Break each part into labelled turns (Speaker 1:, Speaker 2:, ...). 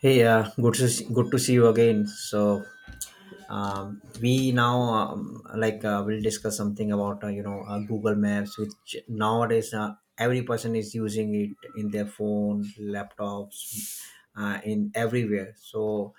Speaker 1: Hey, good to see you again. We now will discuss something about Google Maps, which nowadays every person is using it in their phone, laptops, in everywhere. So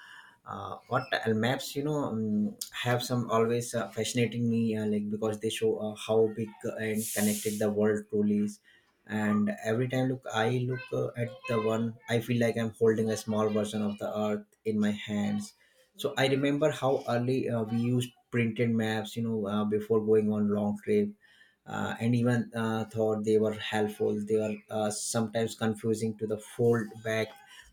Speaker 1: what maps, have some, always fascinating me, like because they show how big and connected the world truly is. And every time look I look at the one, I feel like I'm holding a small version of the earth in my hands. So I remember how early we used printed maps, before going on long trip, and even thought they were helpful. They were sometimes confusing to the fold back.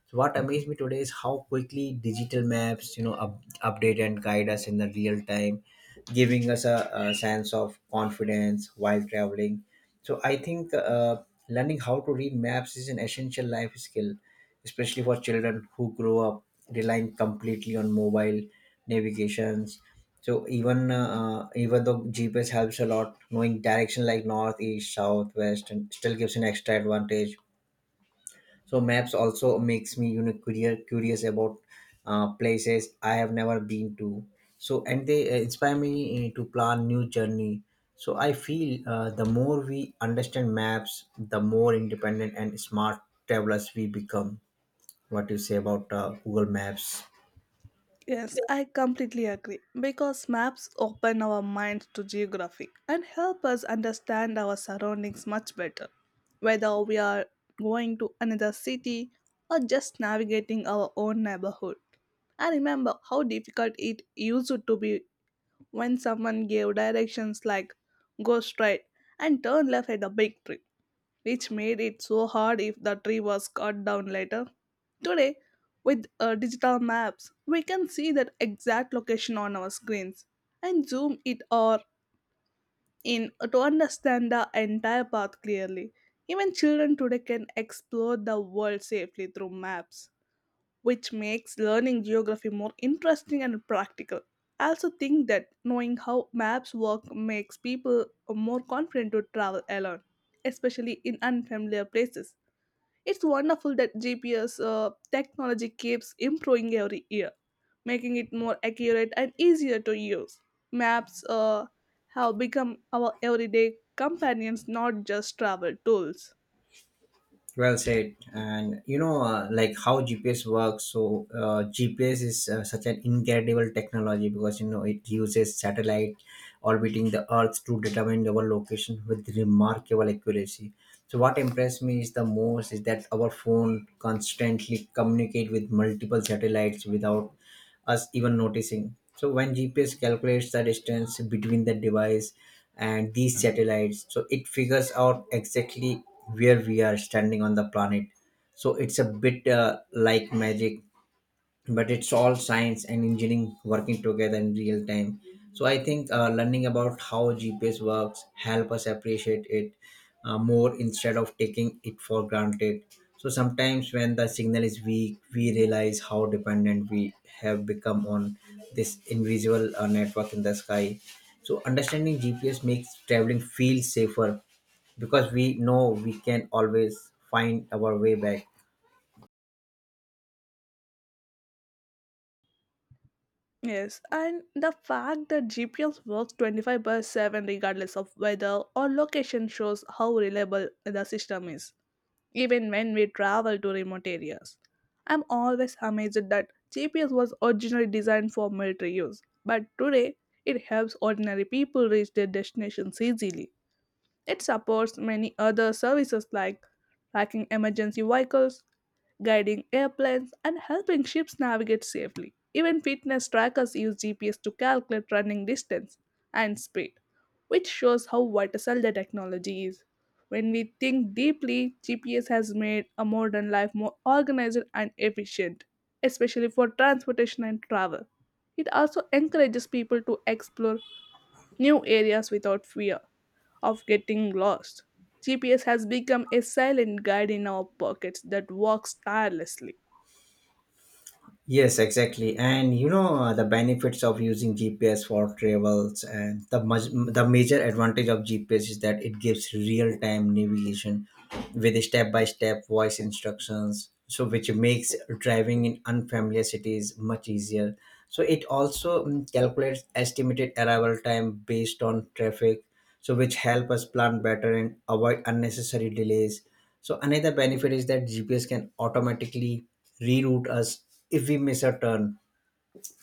Speaker 1: So what amazed me today is how quickly digital maps, update and guide us in the real time, giving us a sense of confidence while traveling. So I think learning how to read maps is an essential life skill, especially for children who grow up relying completely on mobile navigations. So even though GPS helps a lot, knowing direction like north, east, south, west and still gives an extra advantage. So maps also makes me, you know, curious about places I have never been to. So and they inspire me to plan new journey. So I feel the more we understand maps, the more independent and smart travelers we become. What you say about Google Maps?
Speaker 2: Yes, I completely agree because maps open our minds to geography and help us understand our surroundings much better. Whether we are going to another city or just navigating our own neighborhood, I remember how difficult it used to be when someone gave directions like go straight and turn left at a big tree, which made it so hard if the tree was cut down later. Today, with digital maps, we can see that exact location on our screens and zoom it or in to understand the entire path clearly. Even children today can explore the world safely through maps, which makes learning geography more interesting and practical. I also think that knowing how maps work makes people more confident to travel alone, especially in unfamiliar places. It's wonderful that GPS technology keeps improving every year, making it more accurate and easier to use. Maps have become our everyday companions, not just travel tools.
Speaker 1: Well said. And you know, like how GPS works. So GPS is such an incredible technology, because you know it uses satellite orbiting the earth to determine our location with remarkable accuracy. So what impressed me is the most is that our phone constantly communicate with multiple satellites without us even noticing. So when GPS calculates the distance between the device and these satellites, so it figures out exactly where we are standing on the planet. So it's a bit like magic, but it's all science and engineering working together in real time. So I think learning about how GPS works help us appreciate it more instead of taking it for granted. So sometimes when the signal is weak, we realize how dependent we have become on this invisible network in the sky. So understanding GPS makes traveling feel safer because we know we can always find our way back.
Speaker 2: Yes, and the fact that GPS works 25 by 7 regardless of weather or location shows how reliable the system is, even when we travel to remote areas. I'm always amazed that GPS was originally designed for military use, but today it helps ordinary people reach their destinations easily. It supports many other services like tracking emergency vehicles, guiding airplanes, and helping ships navigate safely. Even fitness trackers use GPS to calculate running distance and speed, which shows how vital the technology is. When we think deeply, GPS has made a modern life more organized and efficient, especially for transportation and travel. It also encourages people to explore new areas without fear of getting lost. GPS has become a silent guide in our pockets that works tirelessly.
Speaker 1: Yes, exactly. And you know, the benefits of using GPS for travels. And the major advantage of GPS is that it gives real time navigation with step by step voice instructions. So which makes driving in unfamiliar cities much easier. So it also calculates estimated arrival time based on traffic, so which help us plan better and avoid unnecessary delays. So another benefit is that GPS can automatically reroute us if we miss a turn,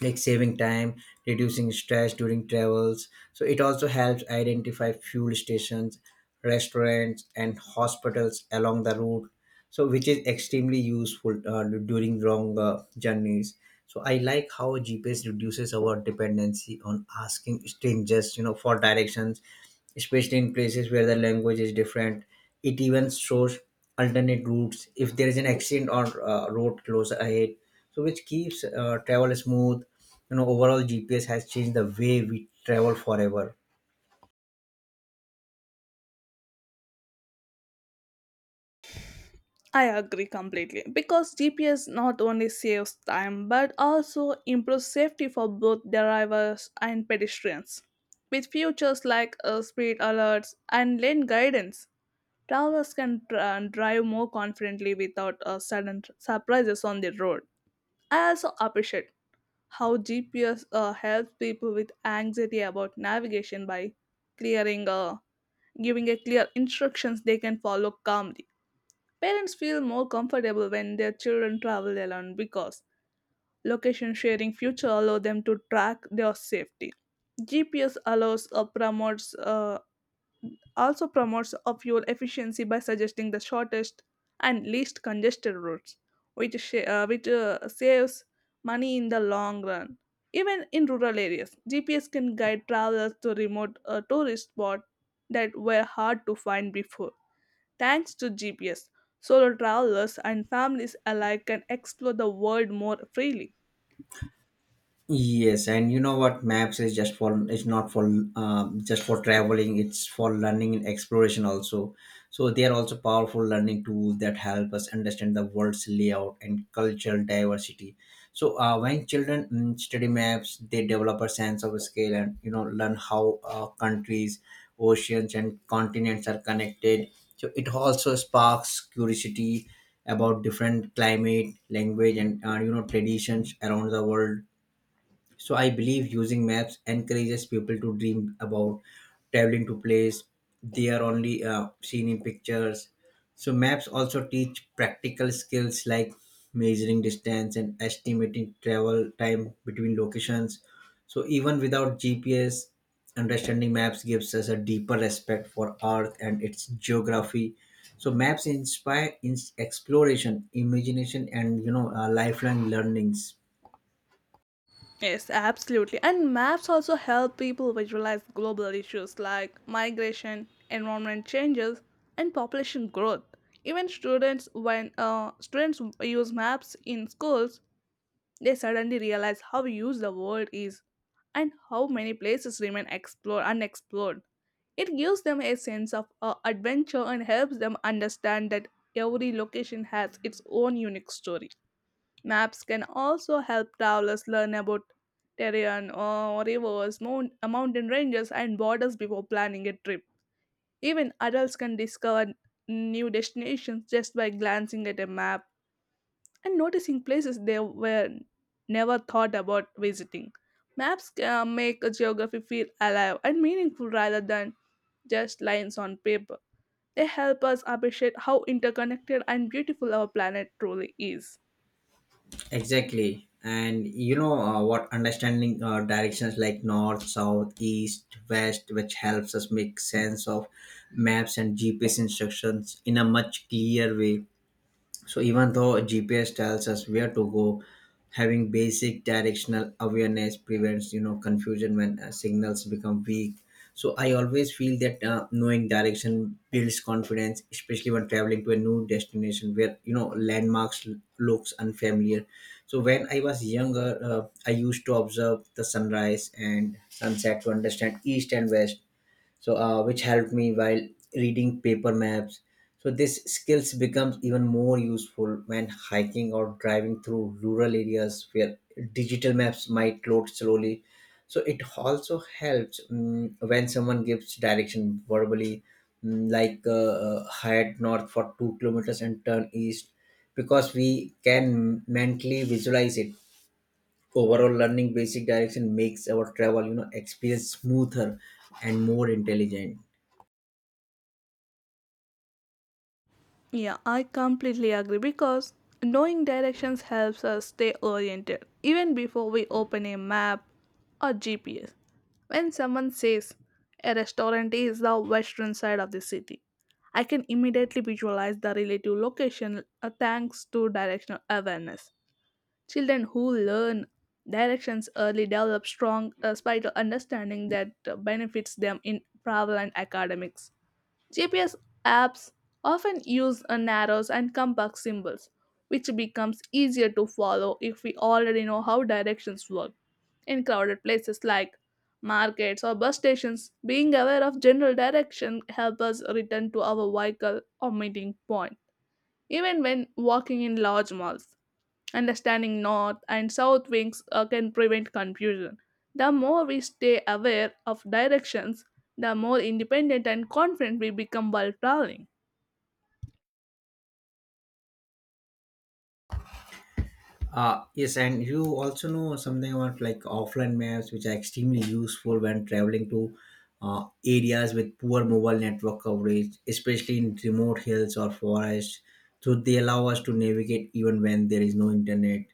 Speaker 1: like saving time, reducing stress during travels. So it also helps identify fuel stations, restaurants, and hospitals along the route. So which is extremely useful during long journeys. So I like how GPS reduces our dependency on asking strangers, you know, for directions, especially in places where the language is different. It even shows alternate routes if there is an accident or road closed ahead, so which keeps travel smooth. You know, overall GPS has changed the way we travel forever.
Speaker 2: I agree completely because GPS not only saves time but also improves safety for both drivers and pedestrians. With features like speed alerts and lane guidance, travelers can drive more confidently without sudden surprises on the road. I also appreciate how GPS helps people with anxiety about navigation by clearing, uh, giving a clear instructions they can follow calmly. Parents feel more comfortable when their children travel alone because location sharing future allow them to track their safety. GPS allows or promotes a fuel efficiency by suggesting the shortest and least congested routes, which saves money in the long run. Even in rural areas, GPS can guide travelers to remote tourist spots that were hard to find before. Thanks to GPS, solo travelers and families alike can explore the world more freely.
Speaker 1: Yes, and you know what? Maps is just for, it's not for, just for traveling. It's for learning and exploration also. So they are also powerful learning tools that help us understand the world's layout and cultural diversity. So when children study maps, they develop a sense of scale and you know learn how countries, oceans, and continents are connected. So it also sparks curiosity about different climate, language, and you know traditions around the world. So I believe using maps encourages people to dream about traveling to place they are only seen in pictures. So maps also teach practical skills like measuring distance and estimating travel time between locations. So even without GPS, understanding maps gives us a deeper respect for Earth and its geography. So maps inspire exploration, imagination, and you know lifelong learnings.
Speaker 2: Yes, absolutely. And maps also help people visualize global issues like migration, environment changes, and population growth. Even when students use maps in schools, they suddenly realize how huge the world is and how many places remain explored unexplored. It gives them a sense of adventure and helps them understand that every location has its own unique story. Maps can also help travelers learn about terrain, rivers, mountain ranges, and borders before planning a trip. Even adults can discover new destinations just by glancing at a map and noticing places they were never thought about visiting. Maps make a geography feel alive and meaningful rather than just lines on paper. They help us appreciate how interconnected and beautiful our planet truly is.
Speaker 1: Exactly. And you know, what understanding directions like north, south, east, west, which helps us make sense of maps and GPS instructions in a much clearer way. So even though GPS tells us where to go, having basic directional awareness prevents you know confusion when signals become weak. So I always feel that knowing direction builds confidence, especially when traveling to a new destination where you know landmarks looks unfamiliar. So when I was younger, I used to observe the sunrise and sunset to understand east and west, so which helped me while reading paper maps. So this skills becomes even more useful when hiking or driving through rural areas where digital maps might load slowly. So it also helps, when someone gives direction verbally, head north for 2 kilometers and turn east, because we can mentally visualize it. Overall, learning basic direction makes our travel, you know, experience smoother and more intelligent.
Speaker 2: Yeah, I completely agree because knowing directions helps us stay oriented even before we open a map or GPS. When someone says a restaurant is the western side of the city, I can immediately visualize the relative location thanks to directional awareness. Children who learn directions early develop strong spatial understanding that benefits them in travel and academics. GPS apps often use a arrows and compass symbols, which becomes easier to follow if we already know how directions work. In crowded places like markets or bus stations, being aware of general direction helps us return to our vehicle or meeting point, even when walking in large malls. Understanding north and south wings can prevent confusion. The more we stay aware of directions, the more independent and confident we become while traveling.
Speaker 1: Yes, and you also know something about like offline maps, which are extremely useful when traveling to areas with poor mobile network coverage, especially in remote hills or forests. So they allow us to navigate even when there is no internet,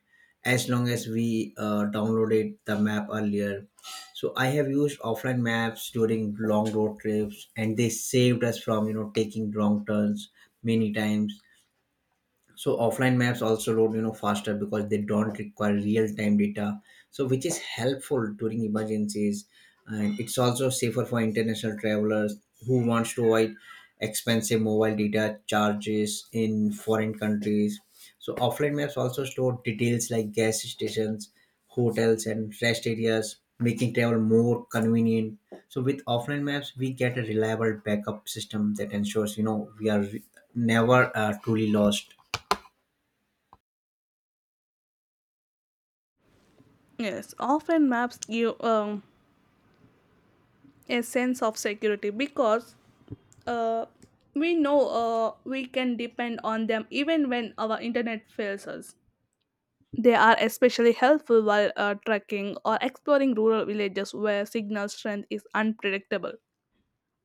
Speaker 1: as long as we downloaded the map earlier. So I have used offline maps during long road trips, and they saved us from, you know, taking wrong turns many times. So offline maps also load, you know, faster because they don't require real time data, so which is helpful during emergencies. And it's also safer for international travelers who wants to avoid expensive mobile data charges in foreign countries. So offline maps also store details like gas stations, hotels, and rest areas, making travel more convenient. So with offline maps, we get a reliable backup system that ensures, you know, we are never truly lost.
Speaker 2: Yes, often maps give a sense of security because uh, we know we can depend on them even when our internet fails us. They are especially helpful while trekking or exploring rural villages where signal strength is unpredictable.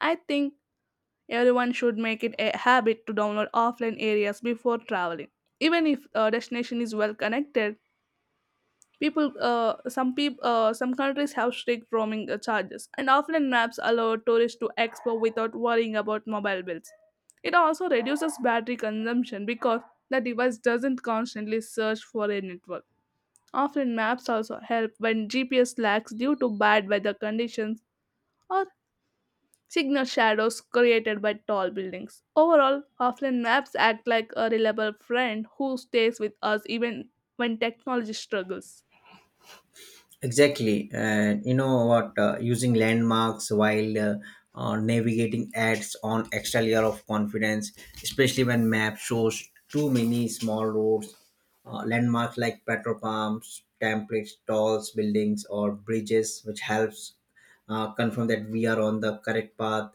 Speaker 2: I think everyone should make it a habit to download offline areas before traveling. Even if a destination is well connected, some countries have strict roaming charges, and offline maps allow tourists to explore without worrying about mobile bills. It also reduces battery consumption because the device doesn't constantly search for a network. Offline maps also help when GPS lacks due to bad weather conditions or signal shadows created by tall buildings. Overall, offline maps act like a reliable friend who stays with us even when technology struggles.
Speaker 1: Exactly. And you know what? Using landmarks while navigating adds on extra layer of confidence, especially when map shows too many small roads. Landmarks like petrol pumps, templates, tolls, buildings, or bridges, which helps confirm that we are on the correct path.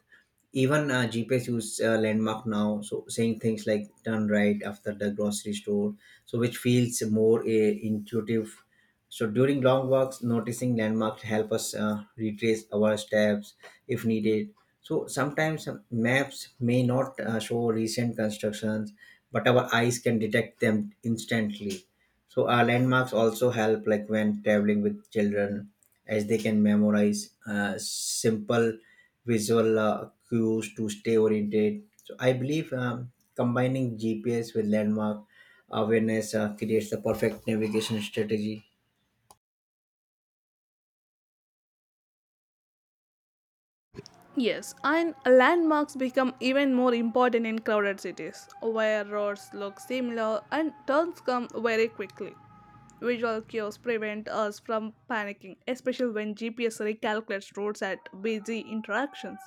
Speaker 1: Even GPS use landmark now, so saying things like turn right after the grocery store, so which feels more intuitive. So during long walks, noticing landmarks help us retrace our steps if needed. So sometimes maps may not show recent constructions, but our eyes can detect them instantly. So our landmarks also help, like when traveling with children, as they can memorize simple visual cues to stay oriented. So I believe combining GPS with landmark awareness creates the perfect navigation strategy.
Speaker 2: Yes, and landmarks become even more important in crowded cities, where roads look similar and turns come very quickly. Visual cues prevent us from panicking, especially when GPS recalculates routes at busy interactions.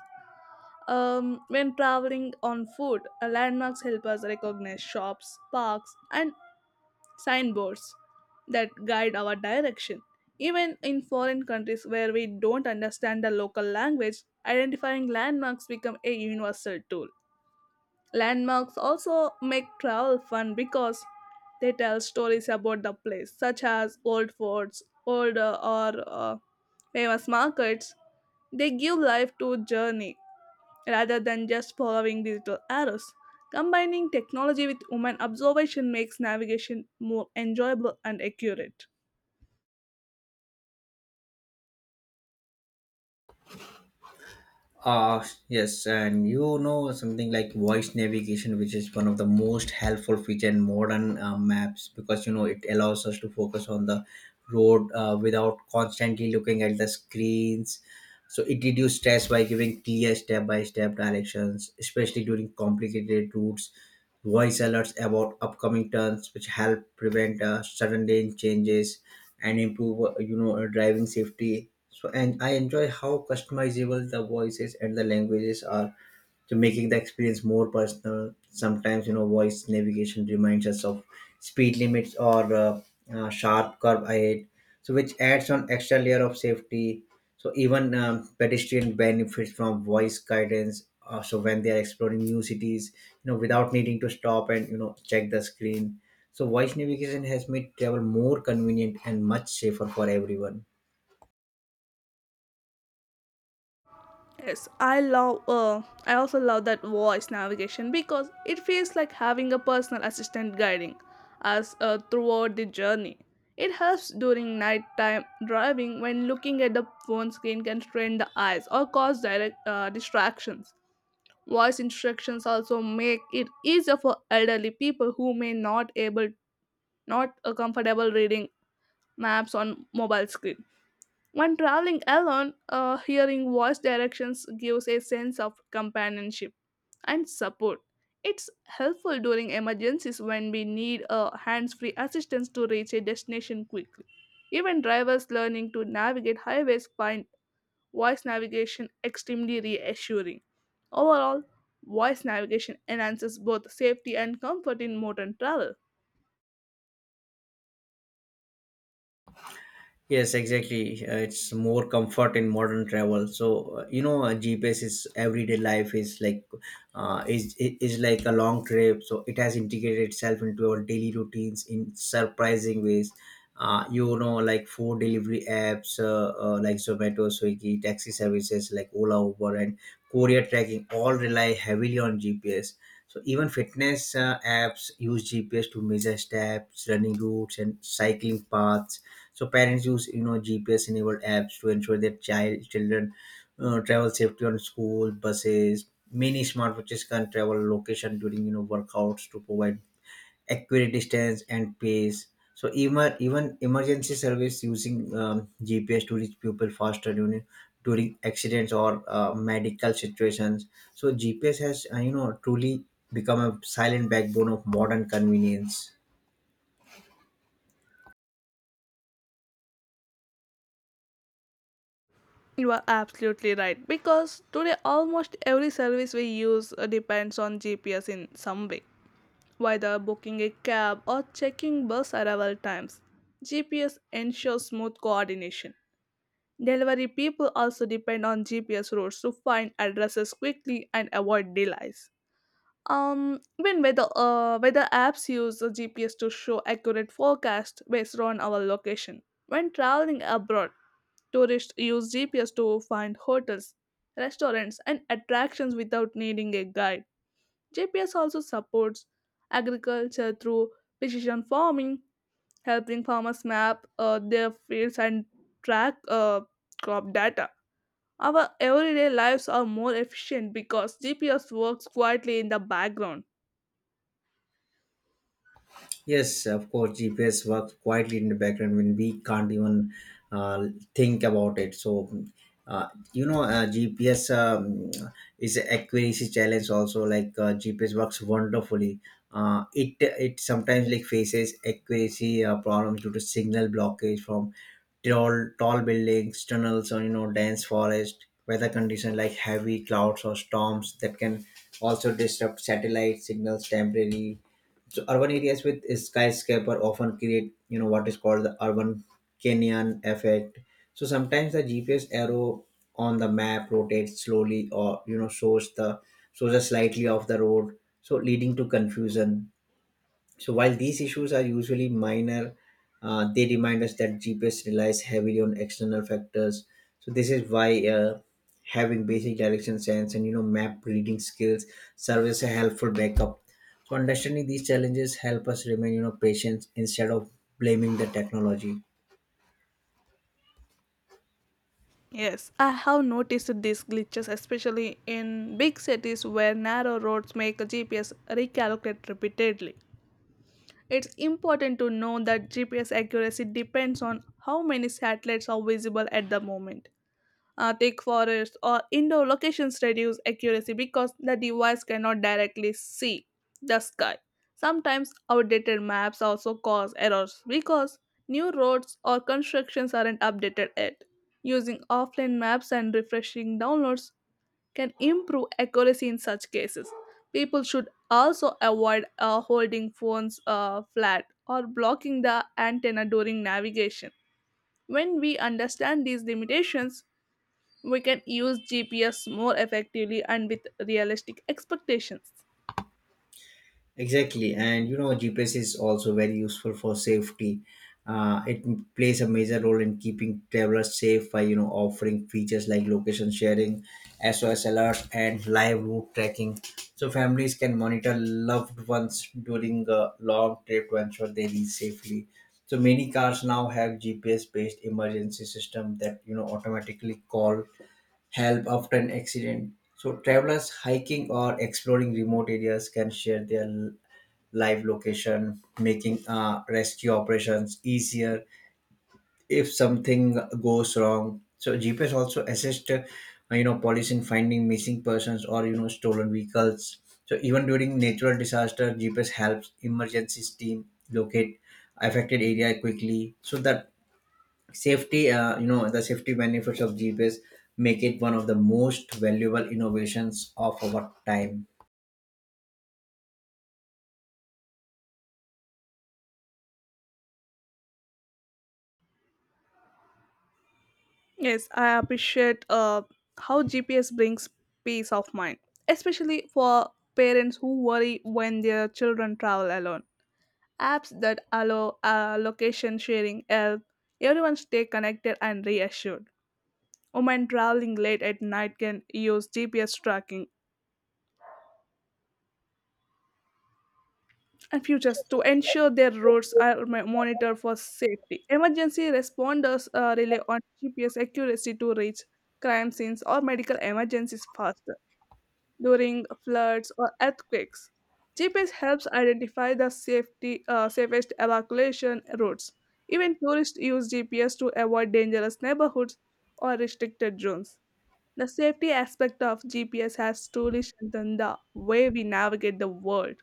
Speaker 2: When traveling on foot, landmarks help us recognize shops, parks, and signboards that guide our direction. Even in foreign countries where we don't understand the local language, identifying landmarks become a universal tool. Landmarks also make travel fun because they tell stories about the place, such as old forts, old or famous markets. They give life to journey rather than just following digital arrows. Combining technology with human observation makes navigation more enjoyable and accurate.
Speaker 1: Uh, yes, and you know something like voice navigation, which is one of the most helpful feature in modern maps, because you know it allows us to focus on the road without constantly looking at the screens. So it reduces stress by giving clear step by step directions, especially during complicated routes. Voice alerts about upcoming turns which help prevent sudden lane changes and improve driving safety. So and I enjoy how customizable the voices and the languages are, so making the experience more personal. Sometimes, you know, voice navigation reminds us of speed limits or sharp curve ahead, so which adds on extra layer of safety. So even pedestrian benefits from voice guidance, so when they are exploring new cities, you know, without needing to stop and you know check the screen. So voice navigation has made travel more convenient and much safer for everyone.
Speaker 2: Yes, I love. I also love that voice navigation because it feels like having a personal assistant guiding us throughout the journey. It helps during nighttime driving when looking at the phone screen can strain the eyes or cause direct distractions. Voice instructions also make it easier for elderly people who may not a comfortable reading maps on mobile screen. When traveling alone, hearing voice directions gives a sense of companionship and support. It's helpful during emergencies when we need a hands-free assistance to reach a destination quickly. Even drivers learning to navigate highways find voice navigation extremely reassuring. Overall, voice navigation enhances both safety and comfort in modern travel.
Speaker 1: Yes, exactly. It's more comfort in modern travel. So GPS is everyday life is like is like a long trip. So it has integrated itself into our daily routines in surprising ways. You know, like food delivery apps like Zomato, Swiggy, taxi services like Ola, Uber, and courier tracking all rely heavily on GPS. So even fitness apps use GPS to measure steps, running routes, and cycling paths. So parents use, you know, GPS enabled apps to ensure their children travel safely on school buses. Many smartwatches can travel location during, you know, workouts to provide accurate distance and pace. So even emergency service using GPS to reach people faster during accidents or medical situations. So GPS has you know truly become a silent backbone of modern convenience.
Speaker 2: You are absolutely right because today almost every service we use depends on GPS in some way. Whether booking a cab or checking bus arrival times, GPS ensures smooth coordination. Delivery people also depend on GPS routes to find addresses quickly and avoid delays. Weather apps use the GPS to show accurate forecast based on our location. When traveling abroad, tourists use GPS to find hotels, restaurants, and attractions without needing a guide. GPS also supports agriculture through precision farming, helping farmers map their fields and track crop data. Our everyday lives are more efficient because GPS works quietly in the background.
Speaker 1: Yes, of course, GPS works quietly in the background when we can't even uh, think about it. So, uh, GPS is an accuracy challenge also. Like GPS works wonderfully. It sometimes like faces accuracy problems due to signal blockage from tall buildings, tunnels, or you know, dense forest. Weather conditions like heavy clouds or storms that can also disrupt satellite signals temporarily. So urban areas with skyscraper often create you know what is called the urban canyon effect. So sometimes the GPS arrow on the map rotates slowly, or you know shows a slightly off the road, so leading to confusion. So while these issues are usually minor, they remind us that GPS relies heavily on external factors. So this is why having basic direction sense and you know map reading skills serve as a helpful backup. So understanding these challenges help us remain, you know, patient instead of blaming the technology.
Speaker 2: Yes, I have noticed these glitches, especially in big cities where narrow roads make GPS recalculate repeatedly. It's important to know that GPS accuracy depends on how many satellites are visible at the moment. Thick forests or indoor locations reduce accuracy because the device cannot directly see the sky. Sometimes outdated maps also cause errors because new roads or constructions aren't updated yet. Using offline maps and refreshing downloads can improve accuracy in such cases. People should also avoid holding phones flat or blocking the antenna during navigation. When we understand these limitations, we can use GPS more effectively and with realistic expectations.
Speaker 1: Exactly, and you know GPS is also very useful for safety. It plays a major role in keeping travelers safe by, you know, offering features like location sharing, SOS alerts, and live route tracking. So families can monitor loved ones during a long trip to ensure they reach safely. So many cars now have GPS-based emergency system that you know automatically call help after an accident. So travelers hiking or exploring remote areas can share their live location, making rescue operations easier if something goes wrong. So GPS also assist, police in finding missing persons or you know stolen vehicles. So even during natural disaster, GPS helps emergencies team locate affected area quickly. So that the safety benefits of GPS make it one of the most valuable innovations of our time.
Speaker 2: Yes, I appreciate how GPS brings peace of mind, especially for parents who worry when their children travel alone. Apps that allow location sharing help everyone stay connected and reassured. Women traveling late at night can use GPS tracking and features to ensure their roads are monitored for safety. Emergency responders rely on GPS accuracy to reach crime scenes or medical emergencies faster during floods or earthquakes. GPS helps identify the safest evacuation routes. Even tourists use GPS to avoid dangerous neighborhoods or restricted zones. The safety aspect of GPS has truly strengthened the way we navigate the world.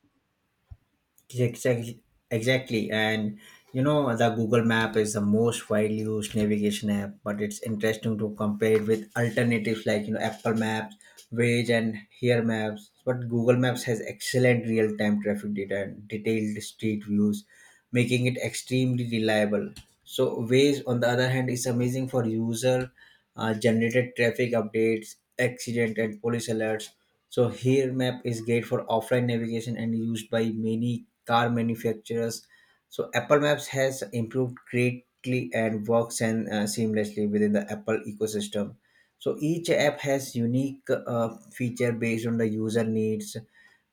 Speaker 1: Exactly, exactly. And you know, the Google Map is the most widely used navigation app, but it's interesting to compare it with alternatives like you know Apple Maps, Waze, and Here Maps. But Google Maps has excellent real-time traffic data and detailed street views, making it extremely reliable. So Waze, on the other hand, is amazing for user generated traffic updates, accident and police alerts. So Here Map is great for offline navigation and used by many car manufacturers. So Apple Maps has improved greatly and works and seamlessly within the Apple ecosystem. So each app has unique feature based on the user needs,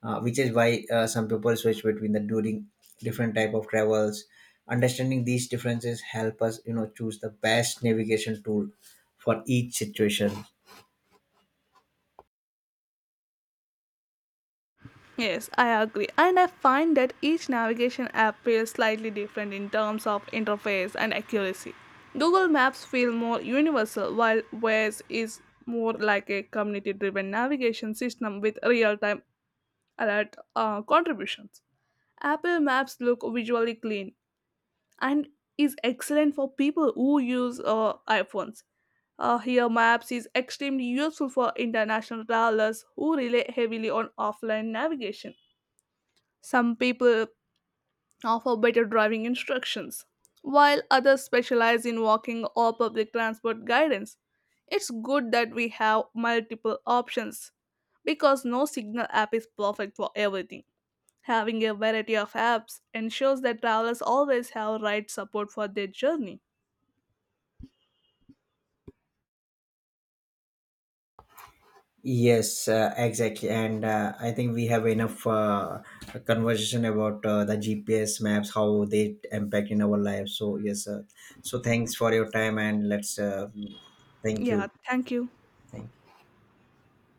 Speaker 1: which is why some people switch between the during different type of travels. Understanding these differences help us, you know, choose the best navigation tool for each situation.
Speaker 2: Yes, I agree. And I find that each navigation app feels slightly different in terms of interface and accuracy. Google Maps feel more universal while Waze is more like a community-driven navigation system with real-time alert contributions. Apple Maps look visually clean and is excellent for people who use iPhones. Here, Maps is extremely useful for international travelers who rely heavily on offline navigation. Some people offer better driving instructions, while others specialize in walking or public transport guidance. It's good that we have multiple options because no signal app is perfect for everything. Having a variety of apps ensures that travelers always have right support for their journey.
Speaker 1: Yes, exactly. And I think we have enough conversation about the GPS maps, how they impact in our lives. So yes, so thanks for your time. And let's thank
Speaker 2: Yeah,
Speaker 1: you.
Speaker 2: thank you.
Speaker 1: Thank